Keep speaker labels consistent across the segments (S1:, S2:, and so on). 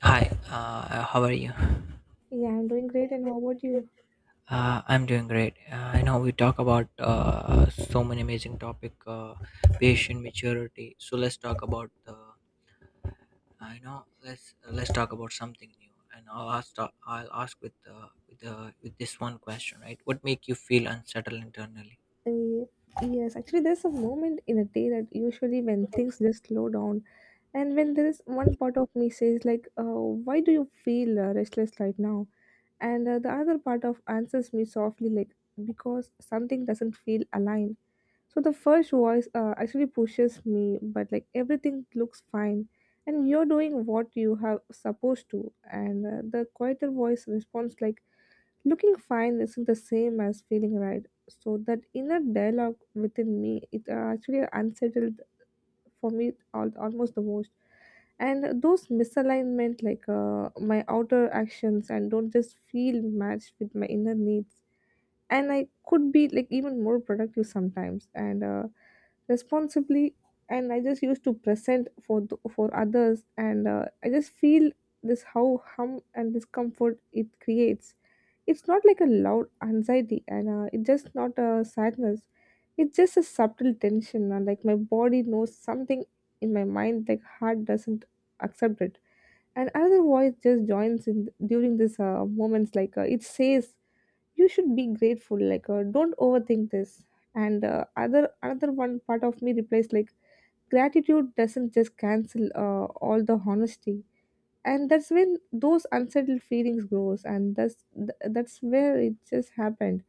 S1: How are you?
S2: Yeah, I'm doing great. And how about you?
S1: I'm doing great. I know we talk about so many amazing topic, patient maturity. So let's talk about the. I know let's talk about something new, and I'll ask with with this one question, right? What make you feel unsettled internally?
S2: Uh, yes, actually, there's a moment in a day that usually when things just slow down, and when there is one part of me says like, "Why do you feel restless right now?" And the other part of answers me softly like, "Because something doesn't feel aligned." So the first voice actually pushes me, but like everything looks fine, and you're doing what you have supposed to, and the quieter voice responds like, looking fine isn't the same as feeling right. So that inner dialogue within me, it actually unsettled for me almost the most. And those misalignment, like my outer actions, and don't just feel matched with my inner needs, and I could be like even more productive sometimes, and responsibly, and I just used to present for for others, and I just feel this how hum and discomfort it creates. It's not like a loud anxiety, and it's just not a sadness. It's just a subtle tension, and like my body knows something in my mind like heart doesn't accept it. And another voice just joins in during this moments, like it says you should be grateful, like don't overthink this. And other another one part of me replies like gratitude doesn't just cancel all the honesty. And that's when those unsettled feelings grows, and that's where it just happened.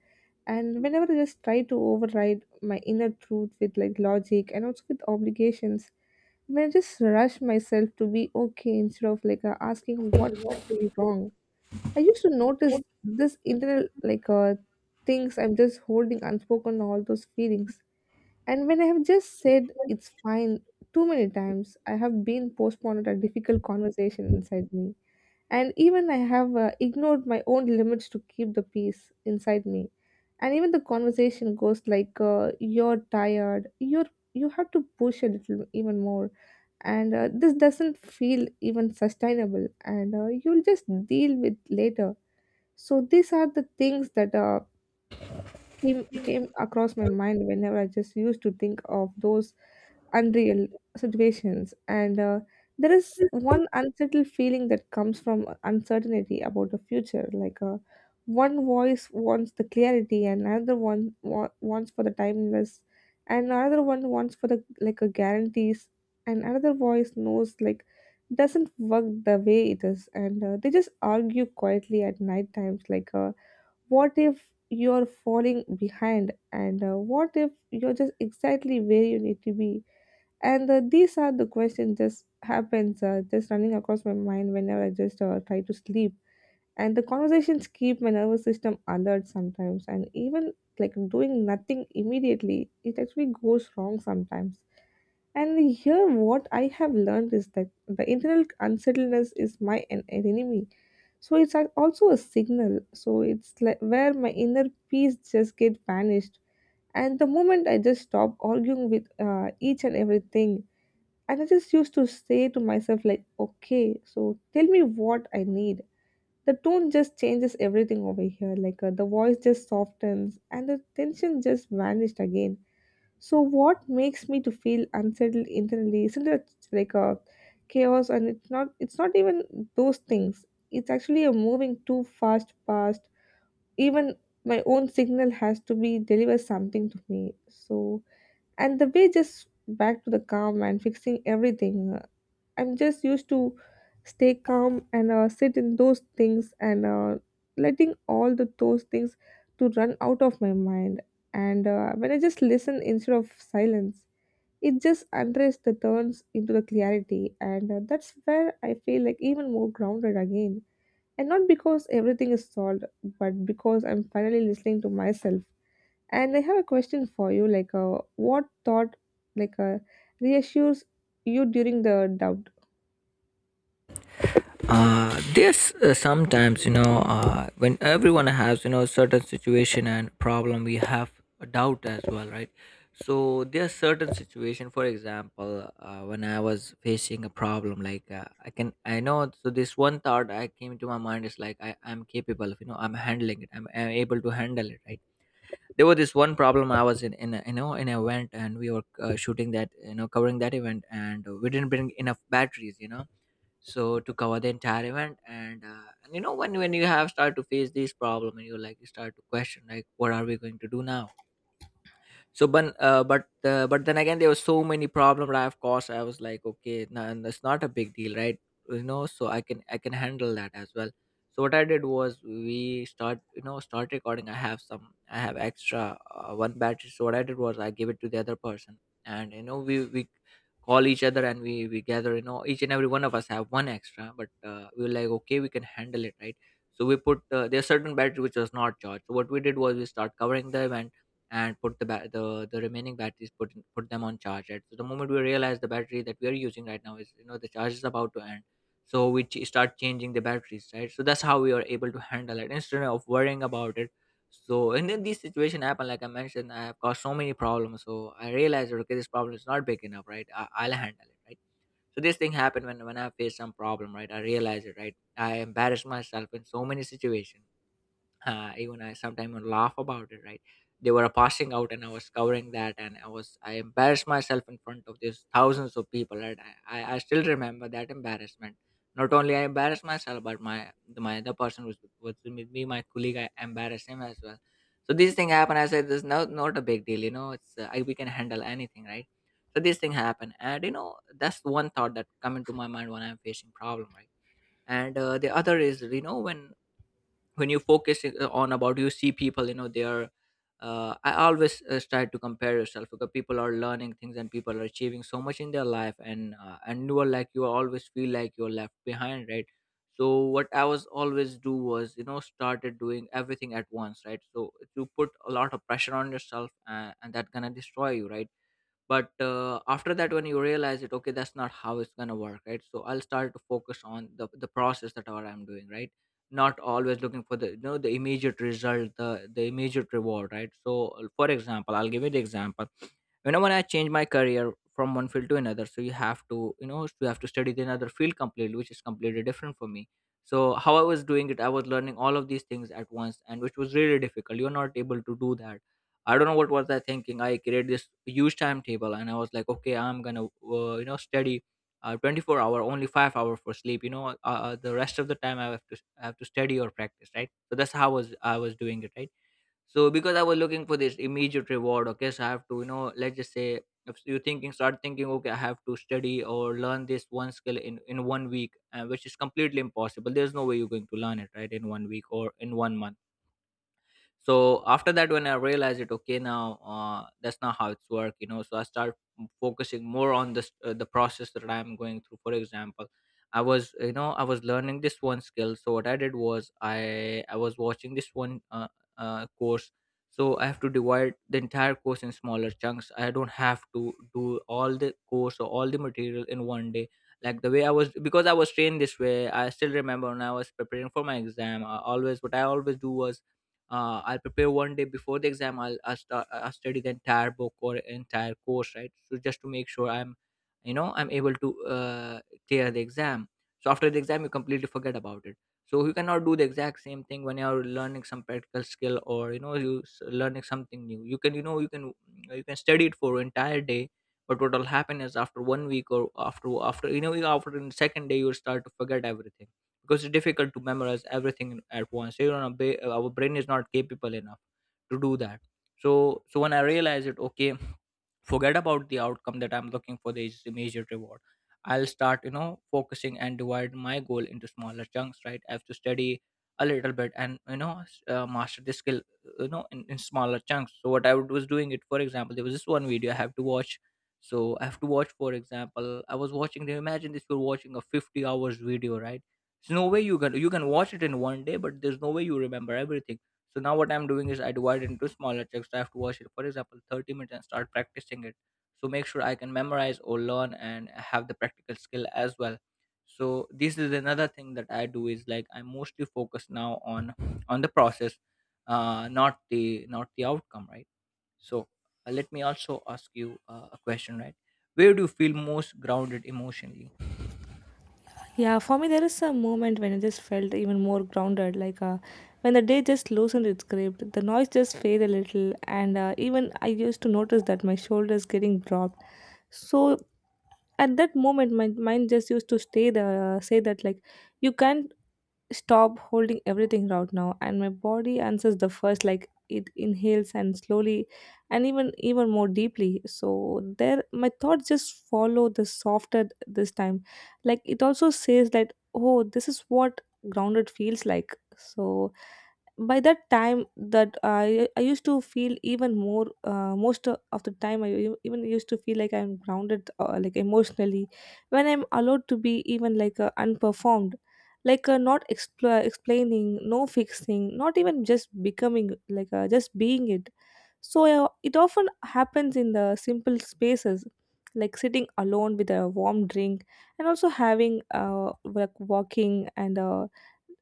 S2: And whenever I just try to override my inner truth with like logic and also with obligations, when I just rush myself to be okay instead of like asking what's actually wrong, I used to notice this internal like things I'm just holding unspoken all those feelings. And when I have just said it's fine too many times, I have been postponed a difficult conversation inside me. And even I have ignored my own limits to keep the peace inside me. And even the conversation goes like, "You're tired. You're you have to push a little even more." And this doesn't feel even sustainable, and you'll just deal with later. So these are the things that came across my mind whenever I just used to think of those unreal situations. And there is one unsettled feeling that comes from uncertainty about the future. Like one voice wants the clarity, and another one wants for the timeless, and another one wants for the like a guarantees, and another voice knows like doesn't work the way it is, and they just argue quietly at night times, like. What if you're falling behind? And what if you're just exactly where you need to be? And these are the questions just happens just running across my mind whenever I just try to sleep. And the conversations keep my nervous system alert sometimes. And even like doing nothing immediately, it actually goes wrong sometimes. And here, what I have learned is that the internal unsettledness is my enemy. So it's also a signal. So it's like where my inner peace just get vanished. And the moment I just stop arguing with each and everything, and I just used to say to myself like, okay, so tell me what I need. The tone just changes everything over here. Like the voice just softens, and the tension just vanished again. So what makes me to feel unsettled internally isn't it like a chaos, and it's not even those things. It's actually a moving too fast past. Even my own signal has to be deliver something to me. So and the way just back to the calm and fixing everything. I'm just used to stay calm, and sit in those things, and letting all the those things to run out of my mind. And when I just listen instead of silence, it just unrest the turns into the clarity, and that's where I feel like even more grounded again. And not because everything is solved, but because I'm finally listening to myself. And I have a question for you, like, what thought, like, reassures you during the doubt?
S1: This, sometimes you know, when everyone has, you know, certain situation and problem, we have a doubt as well, right? So there are certain situation. For example, when I was facing a problem like, I can I know so this one thought I came to my mind is like, I am capable of, you know, I'm able to handle it, right? There was this one problem I was in you know, in an event, and we were shooting that, you know, covering that event, and we didn't bring enough batteries, you know, so to cover the entire event. And you know, when you have start to face this problem, and you like you start to question like, what are we going to do now? So but uh, but uh, but then again, there were so many problems I have caused. I was like, okay, nah, and that's not a big deal, right? You know, so I can handle that as well. So what I did was, we start, you know, start recording. I have extra, one battery, so what I did was, I gave it to the other person. And you know, we call each other, and we gather, you know, each and every one of us have one extra, but we were like, okay, we can handle it, right? So we put, there are certain battery which was not charged, so what we did was, we start covering them, and put the the remaining batteries, put them on charge, right? So the moment we realize the battery that we are using right now is, you know, the charge is about to end, so we start changing the batteries, right? So that's how we are able to handle it instead of worrying about it. So and then these situation happen like I mentioned, I have caused so many problems, so I realized, okay, this problem is not big enough, right? I'll handle it, right? So this thing happened when I faced some problem, right? I realize it, right? I embarrass myself in so many situations. Even I sometimes would laugh about it, right? They were passing out and I was covering that, and I embarrassed myself in front of these thousands of people, right? I still remember that embarrassment. Not only I embarrassed myself, but my the person was with me, my colleague, I embarrassed him as well. So these things happen. I said, "This is not a big deal, you know. It's we can handle anything, right?" So these things happen, and you know, that's one thought that come into my mind when I'm facing problem, right? And the other is, you know, when you focus on about, you see people, you know, they are I always try to compare yourself, because people are learning things and people are achieving so much in their life, and you are like, you always feel like you're left behind, right? So what I was always do was, you know, started doing everything at once, right? So you put a lot of pressure on yourself, and that gonna destroy you, right? But after that when you realize it, okay, that's not how it's going to work, right? So I'll start to focus on the process that what I'm doing, right? Not always looking for the, you know, the immediate result, the immediate reward, right? So for example, I'll give you the example. You know, when I change my career from one field to another, so you have to, you know, you have to study the another field completely, which is completely different for me. So how I was doing it, I was learning all of these things at once, and which was really difficult. You're not able to do that. I don't know what was I thinking. I created this huge timetable, and I was like, okay, I'm gonna you know, study 24-hour, only 5 hour for sleep. You know, the rest of the time I have to study or practice, right? So that's how I was doing it, right? So because I was looking for this immediate reward, okay, so I have to, you know, let's just say, if you thinking start thinking, okay, I have to study or learn this one skill in one week, which is completely impossible. There's no way you're going to learn it right in one week or in one month. So after that, when I realized it, okay, now, that's not how it's work, you know. So I start focusing more on this, the process that I'm going through. For example, I was, you know, I was learning this one skill, so what I did was, I was watching this one, course. So I have to divide the entire course in smaller chunks. I don't have to do all the course or all the material in one day, like the way I was. Because I was trained this way, I still remember when I was preparing for my exam, I always, what I always do was, I'll prepare one day before the exam. I'll study the entire book or entire course, right? So just to make sure I'm, you know, I'm able to clear the exam. So after the exam, you completely forget about it. So you cannot do the exact same thing when you're learning some practical skill, or, you know, learning something new. You can, you know, you can study it for entire day, but what will happen is, after one week or after, you know, after the second day, you'll start to forget everything, because it's difficult to memorize everything at once. So, you know, our brain is not capable enough to do that. So when I realized it, okay, forget about the outcome that I'm looking for, this immediate reward, I'll start, you know, focusing and divide my goal into smaller chunks, right? I have to study a little bit, and you know, master the skill, you know, in smaller chunks. So what I was doing it, for example, there was this one video I have to watch. So I have to watch, for example, I was watching, imagine this, you're watching a 50 hours video, right? There's no way you can watch it in one day, but there's no way you remember everything. So now what I'm doing is, I divide it into smaller chunks. So I have to watch it, for example, 30 minutes and start practicing it. So make sure I can memorize or learn and have the practical skill as well. So this is another thing that I do, is like I mostly focus now on the process, not the outcome, right? So let me also ask you a question, right? Where do you feel most grounded emotionally?
S2: Yeah, for me, there is a moment when I just felt even more grounded, like when the day just loosened its grip, the noise just faded a little, and even I used to notice that my shoulders getting dropped. So at that moment, my mind just used to stay the say that like you can't stop holding everything right now, and my body answers the first like it inhales and slowly and even more deeply. So there my thoughts just follow the softer this time, like it also says that, oh, this is what grounded feels like. So by that time that I used to feel even more most of the time, I even used to feel like I'm grounded, like emotionally, when I'm allowed to be even like unperformed, like not explaining, no fixing, not even just becoming like just being it. So it often happens in the simple spaces, like sitting alone with a warm drink, and also having like walking, and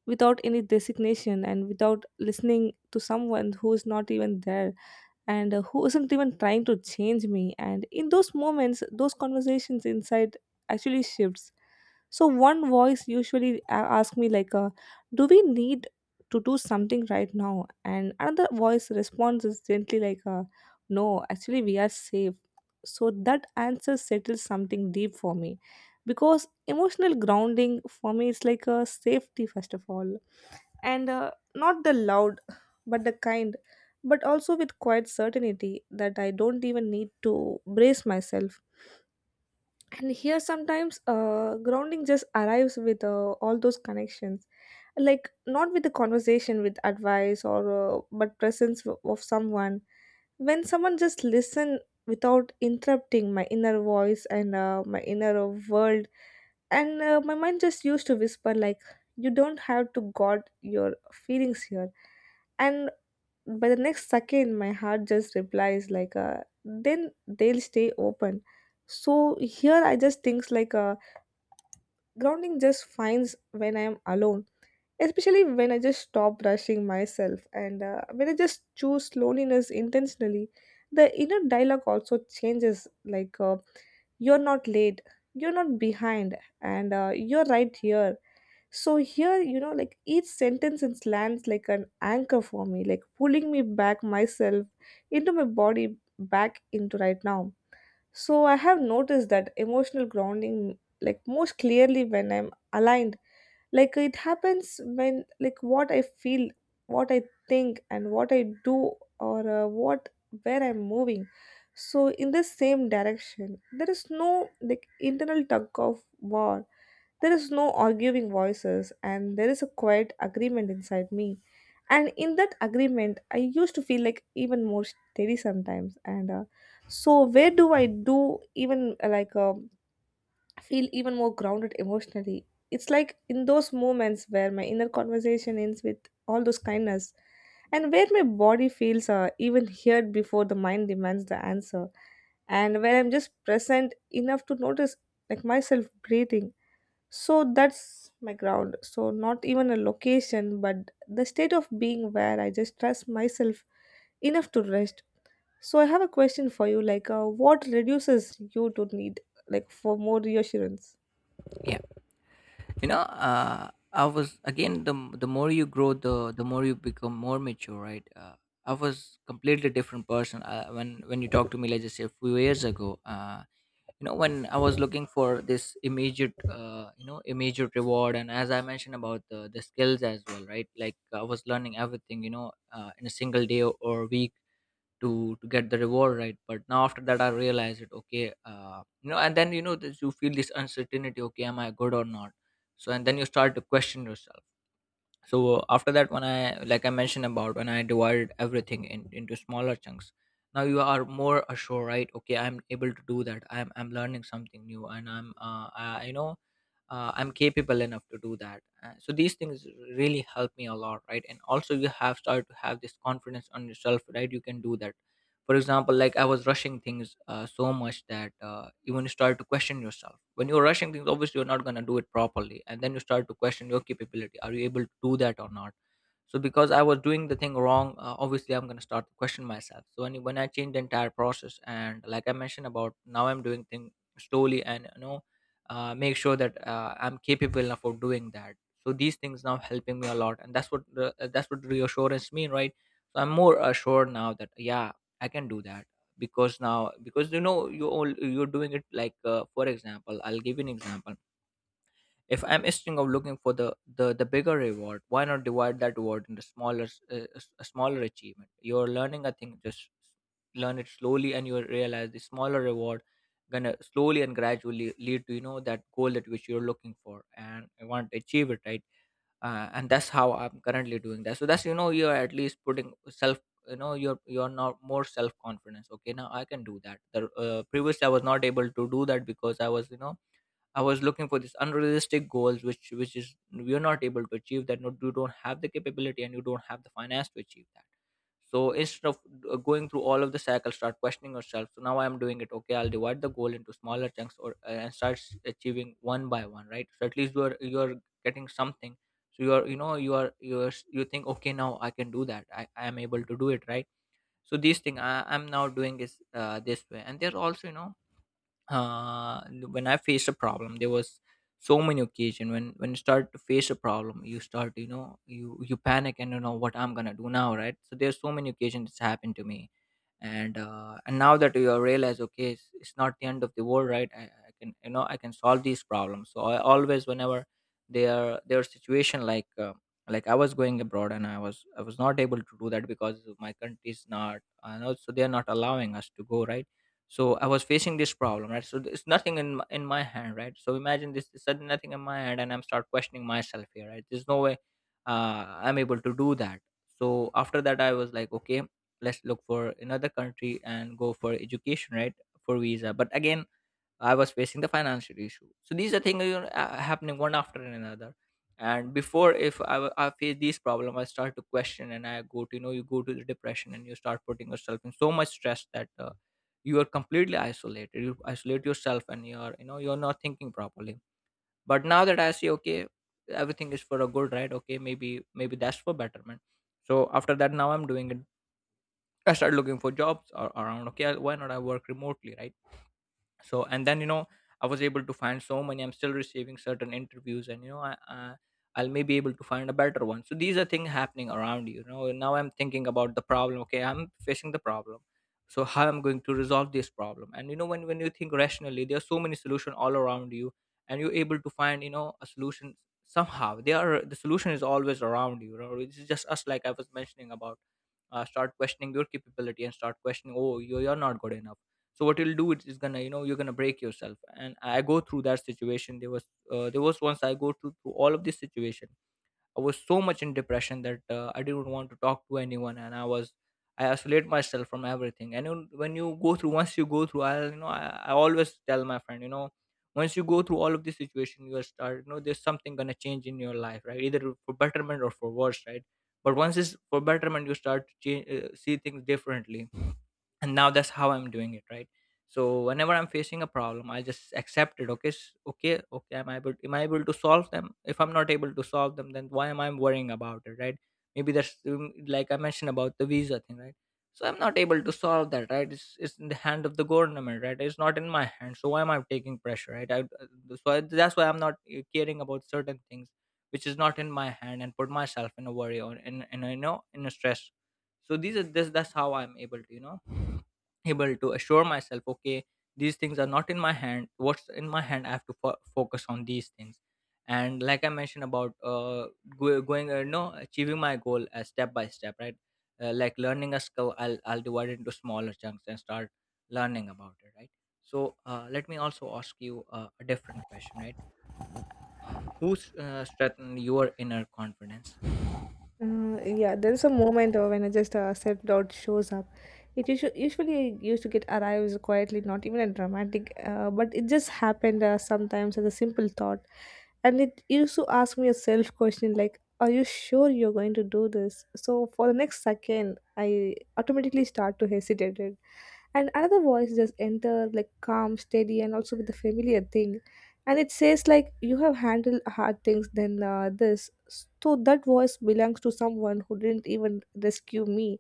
S2: without any designation, and without listening to someone who is not even there, and who isn't even trying to change me. And in those moments those conversations inside actually shifts. So one voice usually ask me like, "Do we need to do something right now?" And another voice responds is gently like, "No, actually we are safe." So that answer settles something deep for me, because emotional grounding for me is like a safety first of all, and not the loud, but the kind, but also with quite certainty that I don't even need to brace myself. And here sometimes grounding just arrives with all those connections, like not with the conversation with advice or but presence of someone, when someone just listen without interrupting my inner voice, and my inner world. And my mind just used to whisper like you don't have to guard your feelings here. And by the next second my heart just replies like then they'll stay open. So here I just thinks like grounding just finds when I am alone, especially when I just stop rushing myself, and when I just choose loneliness intentionally. The inner dialogue also changes, like you're not late, you're not behind, and you're right here. So here, you know, like each sentence and lands like an anchor for me, like pulling me back myself into my body back into right now. So I have noticed that emotional grounding like most clearly when I'm aligned. Like it happens when like what I feel, what I think and what I do, or what where I'm moving. So in the same direction, there is no like internal tug of war, there is no arguing voices, and there is a quiet agreement inside me. And in that agreement, I used to feel like even more steady sometimes. And so, where do I do even like feel even more grounded emotionally? It's like in those moments where my inner conversation ends with all those kindness, and where my body feels even heard before the mind demands the answer, and where I'm just present enough to notice like myself breathing. So that's my ground. So not even a location, but the state of being where I just trust myself enough to rest. So I have a question for you, like what reduces you to need like for more reassurance?
S1: Yeah. You know, I was again, the more you grow, the more you become more mature, right? I was completely different person when you talk to me, like just say a few years ago. You know, when I was looking for this immediate, you know, immediate reward, and as I mentioned about the skills as well, right? Like I was learning everything, in a single day or week to get the reward, right? But now, after that, I realized it. Okay, and then this, you feel this uncertainty. Okay, am I good or not? So and then you start to question yourself. So after that, when I, like I mentioned, about when I divided everything into smaller chunks, now you are more assured, right? Okay, I'm able to do that. I'm learning something new, and I'm I, you know I'm capable enough to do that. So these things really help me a lot, right? And also you have started to have this confidence on yourself, right? You can do that. For example, like I was rushing things so much that, even you start to question yourself. When you're rushing things, obviously you're not going to do it properly, and then you start to question your capability. Are you able to do that or not? So because I was doing the thing wrong, obviously I'm going to start to question myself. So when I change the entire process, and like I mentioned, about now I'm doing thing slowly, and make sure that I'm capable enough of doing that. So these things now helping me a lot, and that's what that's what reassurance mean, right? So I'm more assured now that, yeah, I can do that. Because now, because you all you're doing it, like, for example, I'll give you an example. If I'm, instead of looking for the bigger reward, why not divide that reward into smaller a smaller achievement? You're learning a thing, just learn it slowly, and you'll realize the smaller reward gonna slowly and gradually lead to, that goal that which you're looking for, and I want to achieve it, right? And that's how I'm currently doing that. So that's, you're at least putting self. You're now more self confidence. Okay, now I can do that. The previous I was not able to do that because I was, you know, I was looking for these unrealistic goals, which is we are not able to achieve that. Not, you don't have the capability, and you don't have the finance to achieve that. So instead of going through all of the cycle, start questioning yourself. So now I am doing it. Okay, I'll divide the goal into smaller chunks, or and start achieving one by one, right? So at least you are getting something. So you are, you think, okay, now I can do that. I am able to do it, right? So these thing I am now doing is, this way, and they're also, when I faced a problem, there was so many occasion when you start to face a problem, you start, you panic, and you know what I'm gonna do now, right? So there's so many occasions it's happened to me, and now that you realize, okay, it's not the end of the world, right? I can, you know, I can solve these problems. So I always, whenever their situation, like, like I was going abroad, and I was not able to do that because of my country is not, and also they are not allowing us to go, right? So I was facing this problem, right? So it's nothing in my hand, right? So imagine this is sudden, nothing in my hand, and I'm start questioning myself here, right? There's no way I'm able to do that. So after that, I was like, okay, let's look for another country and go for education, right? For visa, but again, I was facing the financial issue. So these are things, happening one after another. And before, if I face these problem, I start to question, and I go to, you go to the depression, and you start putting yourself in so much stress that, you are completely isolated. You isolate yourself, and you're you know you're not thinking properly. But now that I see, okay, everything is for a good, right? Okay, maybe that's for betterment. So after that, now I'm doing it. I started looking for jobs around. Okay, I why not? I work remotely, right? So, and then, I was able to find so many. I'm still receiving certain interviews, and I'll maybe able to find a better one. So these are things happening around you. Now I'm thinking about the problem. Okay, I'm facing the problem. So how I'm going to resolve this problem? And, when you think rationally, there are so many solutions all around you, and you're able to find, a solution somehow. They are, the solution is always around you. It's just us, like I was mentioning about, start questioning your capability, and start questioning, oh, you're not good enough. So what you'll do is gonna, you're gonna break yourself. And I go through that situation, there was, there was once I go through all of this situation. I was so much in depression that, I didn't want to talk to anyone, and I isolate myself from everything. And you, when you go through, once you go through, I always tell my friend, once you go through all of this situation, you are start, there's something gonna change in your life, right? Either for betterment or for worse, right? But once it's for betterment, you start to change, see things differently, and now that's how I'm doing it, right? So whenever I'm facing a problem, I just accept it. Okay, okay, okay, am I able to solve them? If I'm not able to solve them, then why am I worrying about it, right? Maybe that's, like I mentioned, about the visa thing, right? So I'm not able to solve that, right? It's in the hand of the government, right? It's not in my hand, so why am I taking pressure, right? That's why I'm not caring about certain things which is not in my hand, and put myself in a worry, or in a, in a stress. So these are this, that's how I'm able to, able to assure myself, okay, these things are not in my hand. What's in my hand, I have to focus on these things, and like I mentioned about go- going no achieving my goal, step by step, right? Like learning a skill, I'll divide it into smaller chunks and start learning about it, right? So let me also ask you a different question, right? Who's strengthened your inner confidence?
S2: Yeah, there's a moment when I just self-doubt shows up. It usually used to get arrives quietly, not even a dramatic, but it just happened sometimes as a simple thought. And it used to ask me a self-question like, are you sure you're going to do this? So for the next second, I automatically start to hesitate. And another voice just enter like calm, steady, and also with the familiar thing, and it says like you have handled hard things than this. So that voice belongs to someone who didn't even rescue me,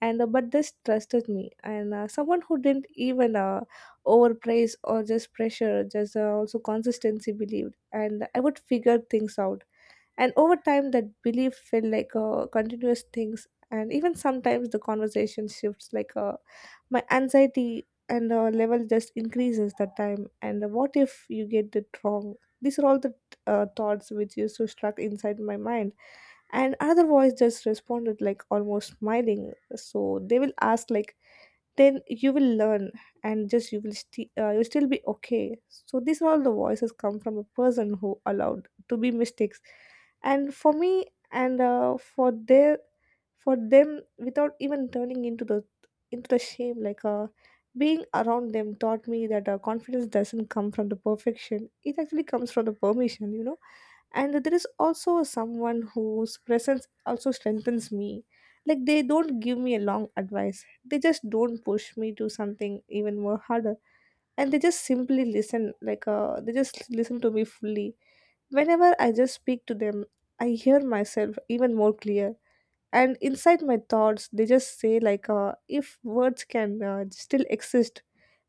S2: and but this trusted me, and someone who didn't even overpraise or just pressure, just also consistency believed and I would figure things out. And over time that belief felt like a continuous things. And even sometimes the conversation shifts, like my anxiety and level just increases that time, and what if you get it wrong, these are all the thoughts which used to struck inside my mind. And other voice just responded like almost smiling, so they will ask like then you will learn, and just you will sti you still be okay. So these are all the voices come from a person who allowed to be mistakes and for me, and for their for them without even turning into the shame, like being around them taught me that confidence doesn't come from the perfection, it actually comes from the permission, you know. And there is also someone whose presence also strengthens me, like they don't give me a long advice, they just don't push me to something even more harder, and they just simply listen, like they just listen to me fully. Whenever I just speak to them, I hear myself even more clear. And inside my thoughts they just say like if words can still exist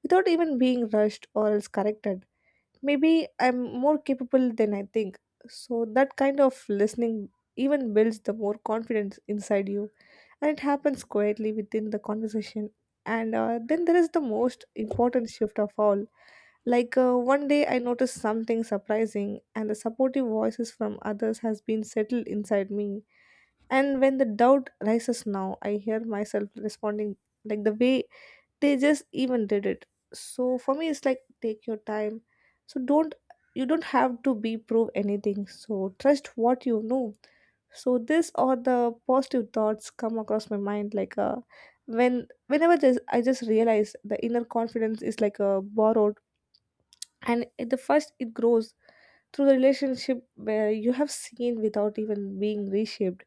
S2: without even being rushed or else corrected, maybe I'm more capable than I think. So that kind of listening even builds the more confidence inside you, and it happens quietly within the conversation. And then there is the most important shift of all. Like one day I noticed something surprising, and the supportive voices from others has been settled inside me. And when the doubt rises now, I hear myself responding like the way they just even did it. So for me it's like take your time, so don't, you don't have to be prove anything, so trust what you know. So this or the positive thoughts come across my mind like when whenever this I just realize the inner confidence is like a borrowed, and at the first it grows through the relationship where you have seen without even being reshaped.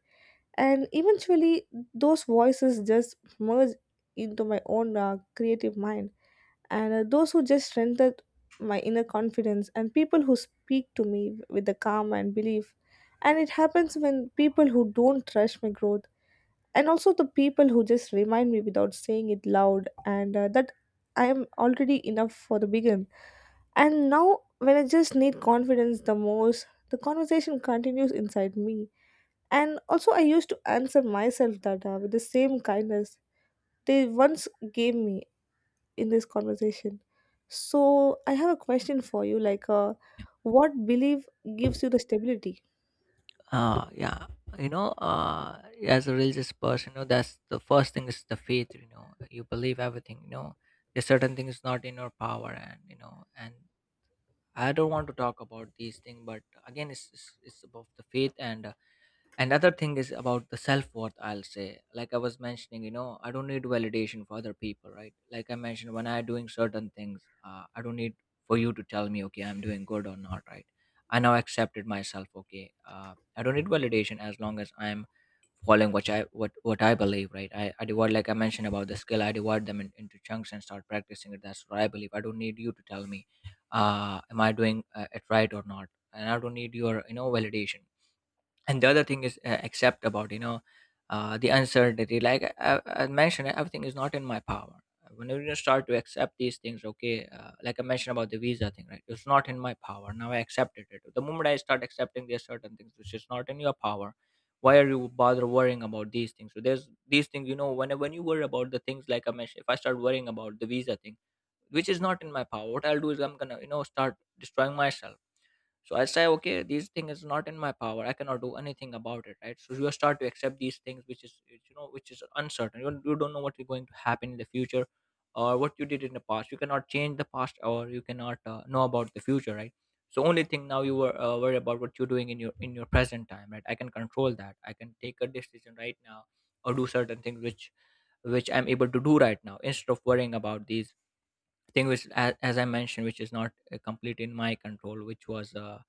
S2: And eventually those voices just merge into my own creative mind. And those who just strengthened my inner confidence, and people who speak to me with the calm and belief, and it happens when people who don't rush my growth, and also the people who just remind me without saying it loud, and that I am already enough for the begin. And now when I just need confidence the most, the conversation continues inside me, and also I used to answer myself that with the same kindness they once gave me in this conversation. So I have a question for you, like, what belief gives you the stability?
S1: Yeah, you know uh as a religious person, you know, that's the first thing, is the faith. You know, you believe everything. There's certain things not in your power, and and I don't want to talk about these things, but again, it's about the faith. And, another thing is about the self-worth, I'll say. Like I was mentioning, I don't need validation for other people, right? Like I mentioned, when I'm doing certain things, I don't need for you to tell me, okay, I'm doing good or not, right? I now accepted myself. Okay, I don't need validation as long as I'm following what I believe, right? I divide, like I mentioned, about the skill. I divide them into chunks and start practicing it. That's what I believe. I don't need you to tell me am I doing it right or not, and I don't need your, validation. And the other thing is, accept about, the uncertainty. Like I mentioned, everything is not in my power. Whenever you start to accept these things, okay, like I mentioned, about the visa thing, right? It's not in my power, now I accepted it. The moment I start accepting, there's certain things which is not in your power, why are you bother worrying about these things? So there's these things, you know, when you worry about the things, like I mentioned, if I start worrying about the visa thing which is not in my power, what I'll do is I'm gonna, start destroying myself. So I say, okay, these thing is not in my power, I cannot do anything about it, right? So you start to accept these things which is, which is uncertain. You you don't know what is going to happen in the future, or what you did in the past, you cannot change the past, or you cannot know about the future, right? So only thing now you were worried about what you're doing in your present time, right? I can control that, I can take a decision right now, or do certain things which I'm able to do right now, instead of worrying about these thing which, as I mentioned, which is not, complete in my control, which was,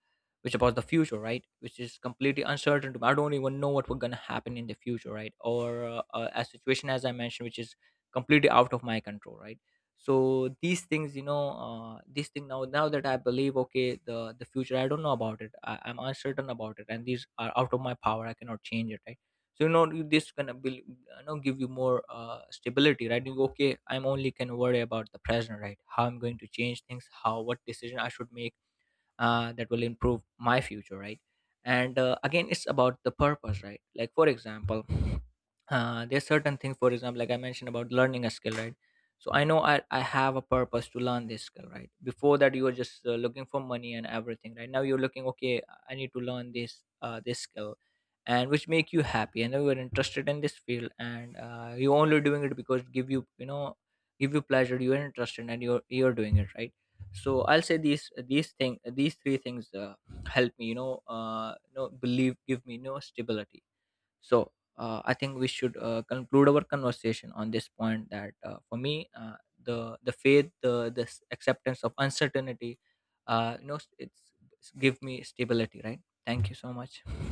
S1: which about the future, right? Which is completely uncertain to me. I don't even know what we're gonna happen in the future, right? Or a situation, as I mentioned, which is completely out of my control, right? So these things, you know, these thing now, that I believe, okay, the future I don't know about it. I'm uncertain about it, and these are out of my power, I cannot change it, right? So, this gonna be, give you more stability, right? You go, okay, I'm only can worry about the present, right? How I'm going to change things, how, what decision I should make, that will improve my future, right? And again, it's about the purpose, right? Like, for example, there's certain things, for example, like I mentioned about learning a skill, right? So I know, I have a purpose to learn this skill, right? Before that, you were just looking for money and everything. Right now you're looking, okay, I need to learn this skill, and which make you happy, and you are interested in this field, and you're only doing it because give you pleasure, you're interested, and you're doing it, right? So I'll say these three things help me, believe, give me, stability. So I think we should conclude our conversation on this point, that for me, the faith, the this acceptance of uncertainty, it's give me stability, right? Thank you so much.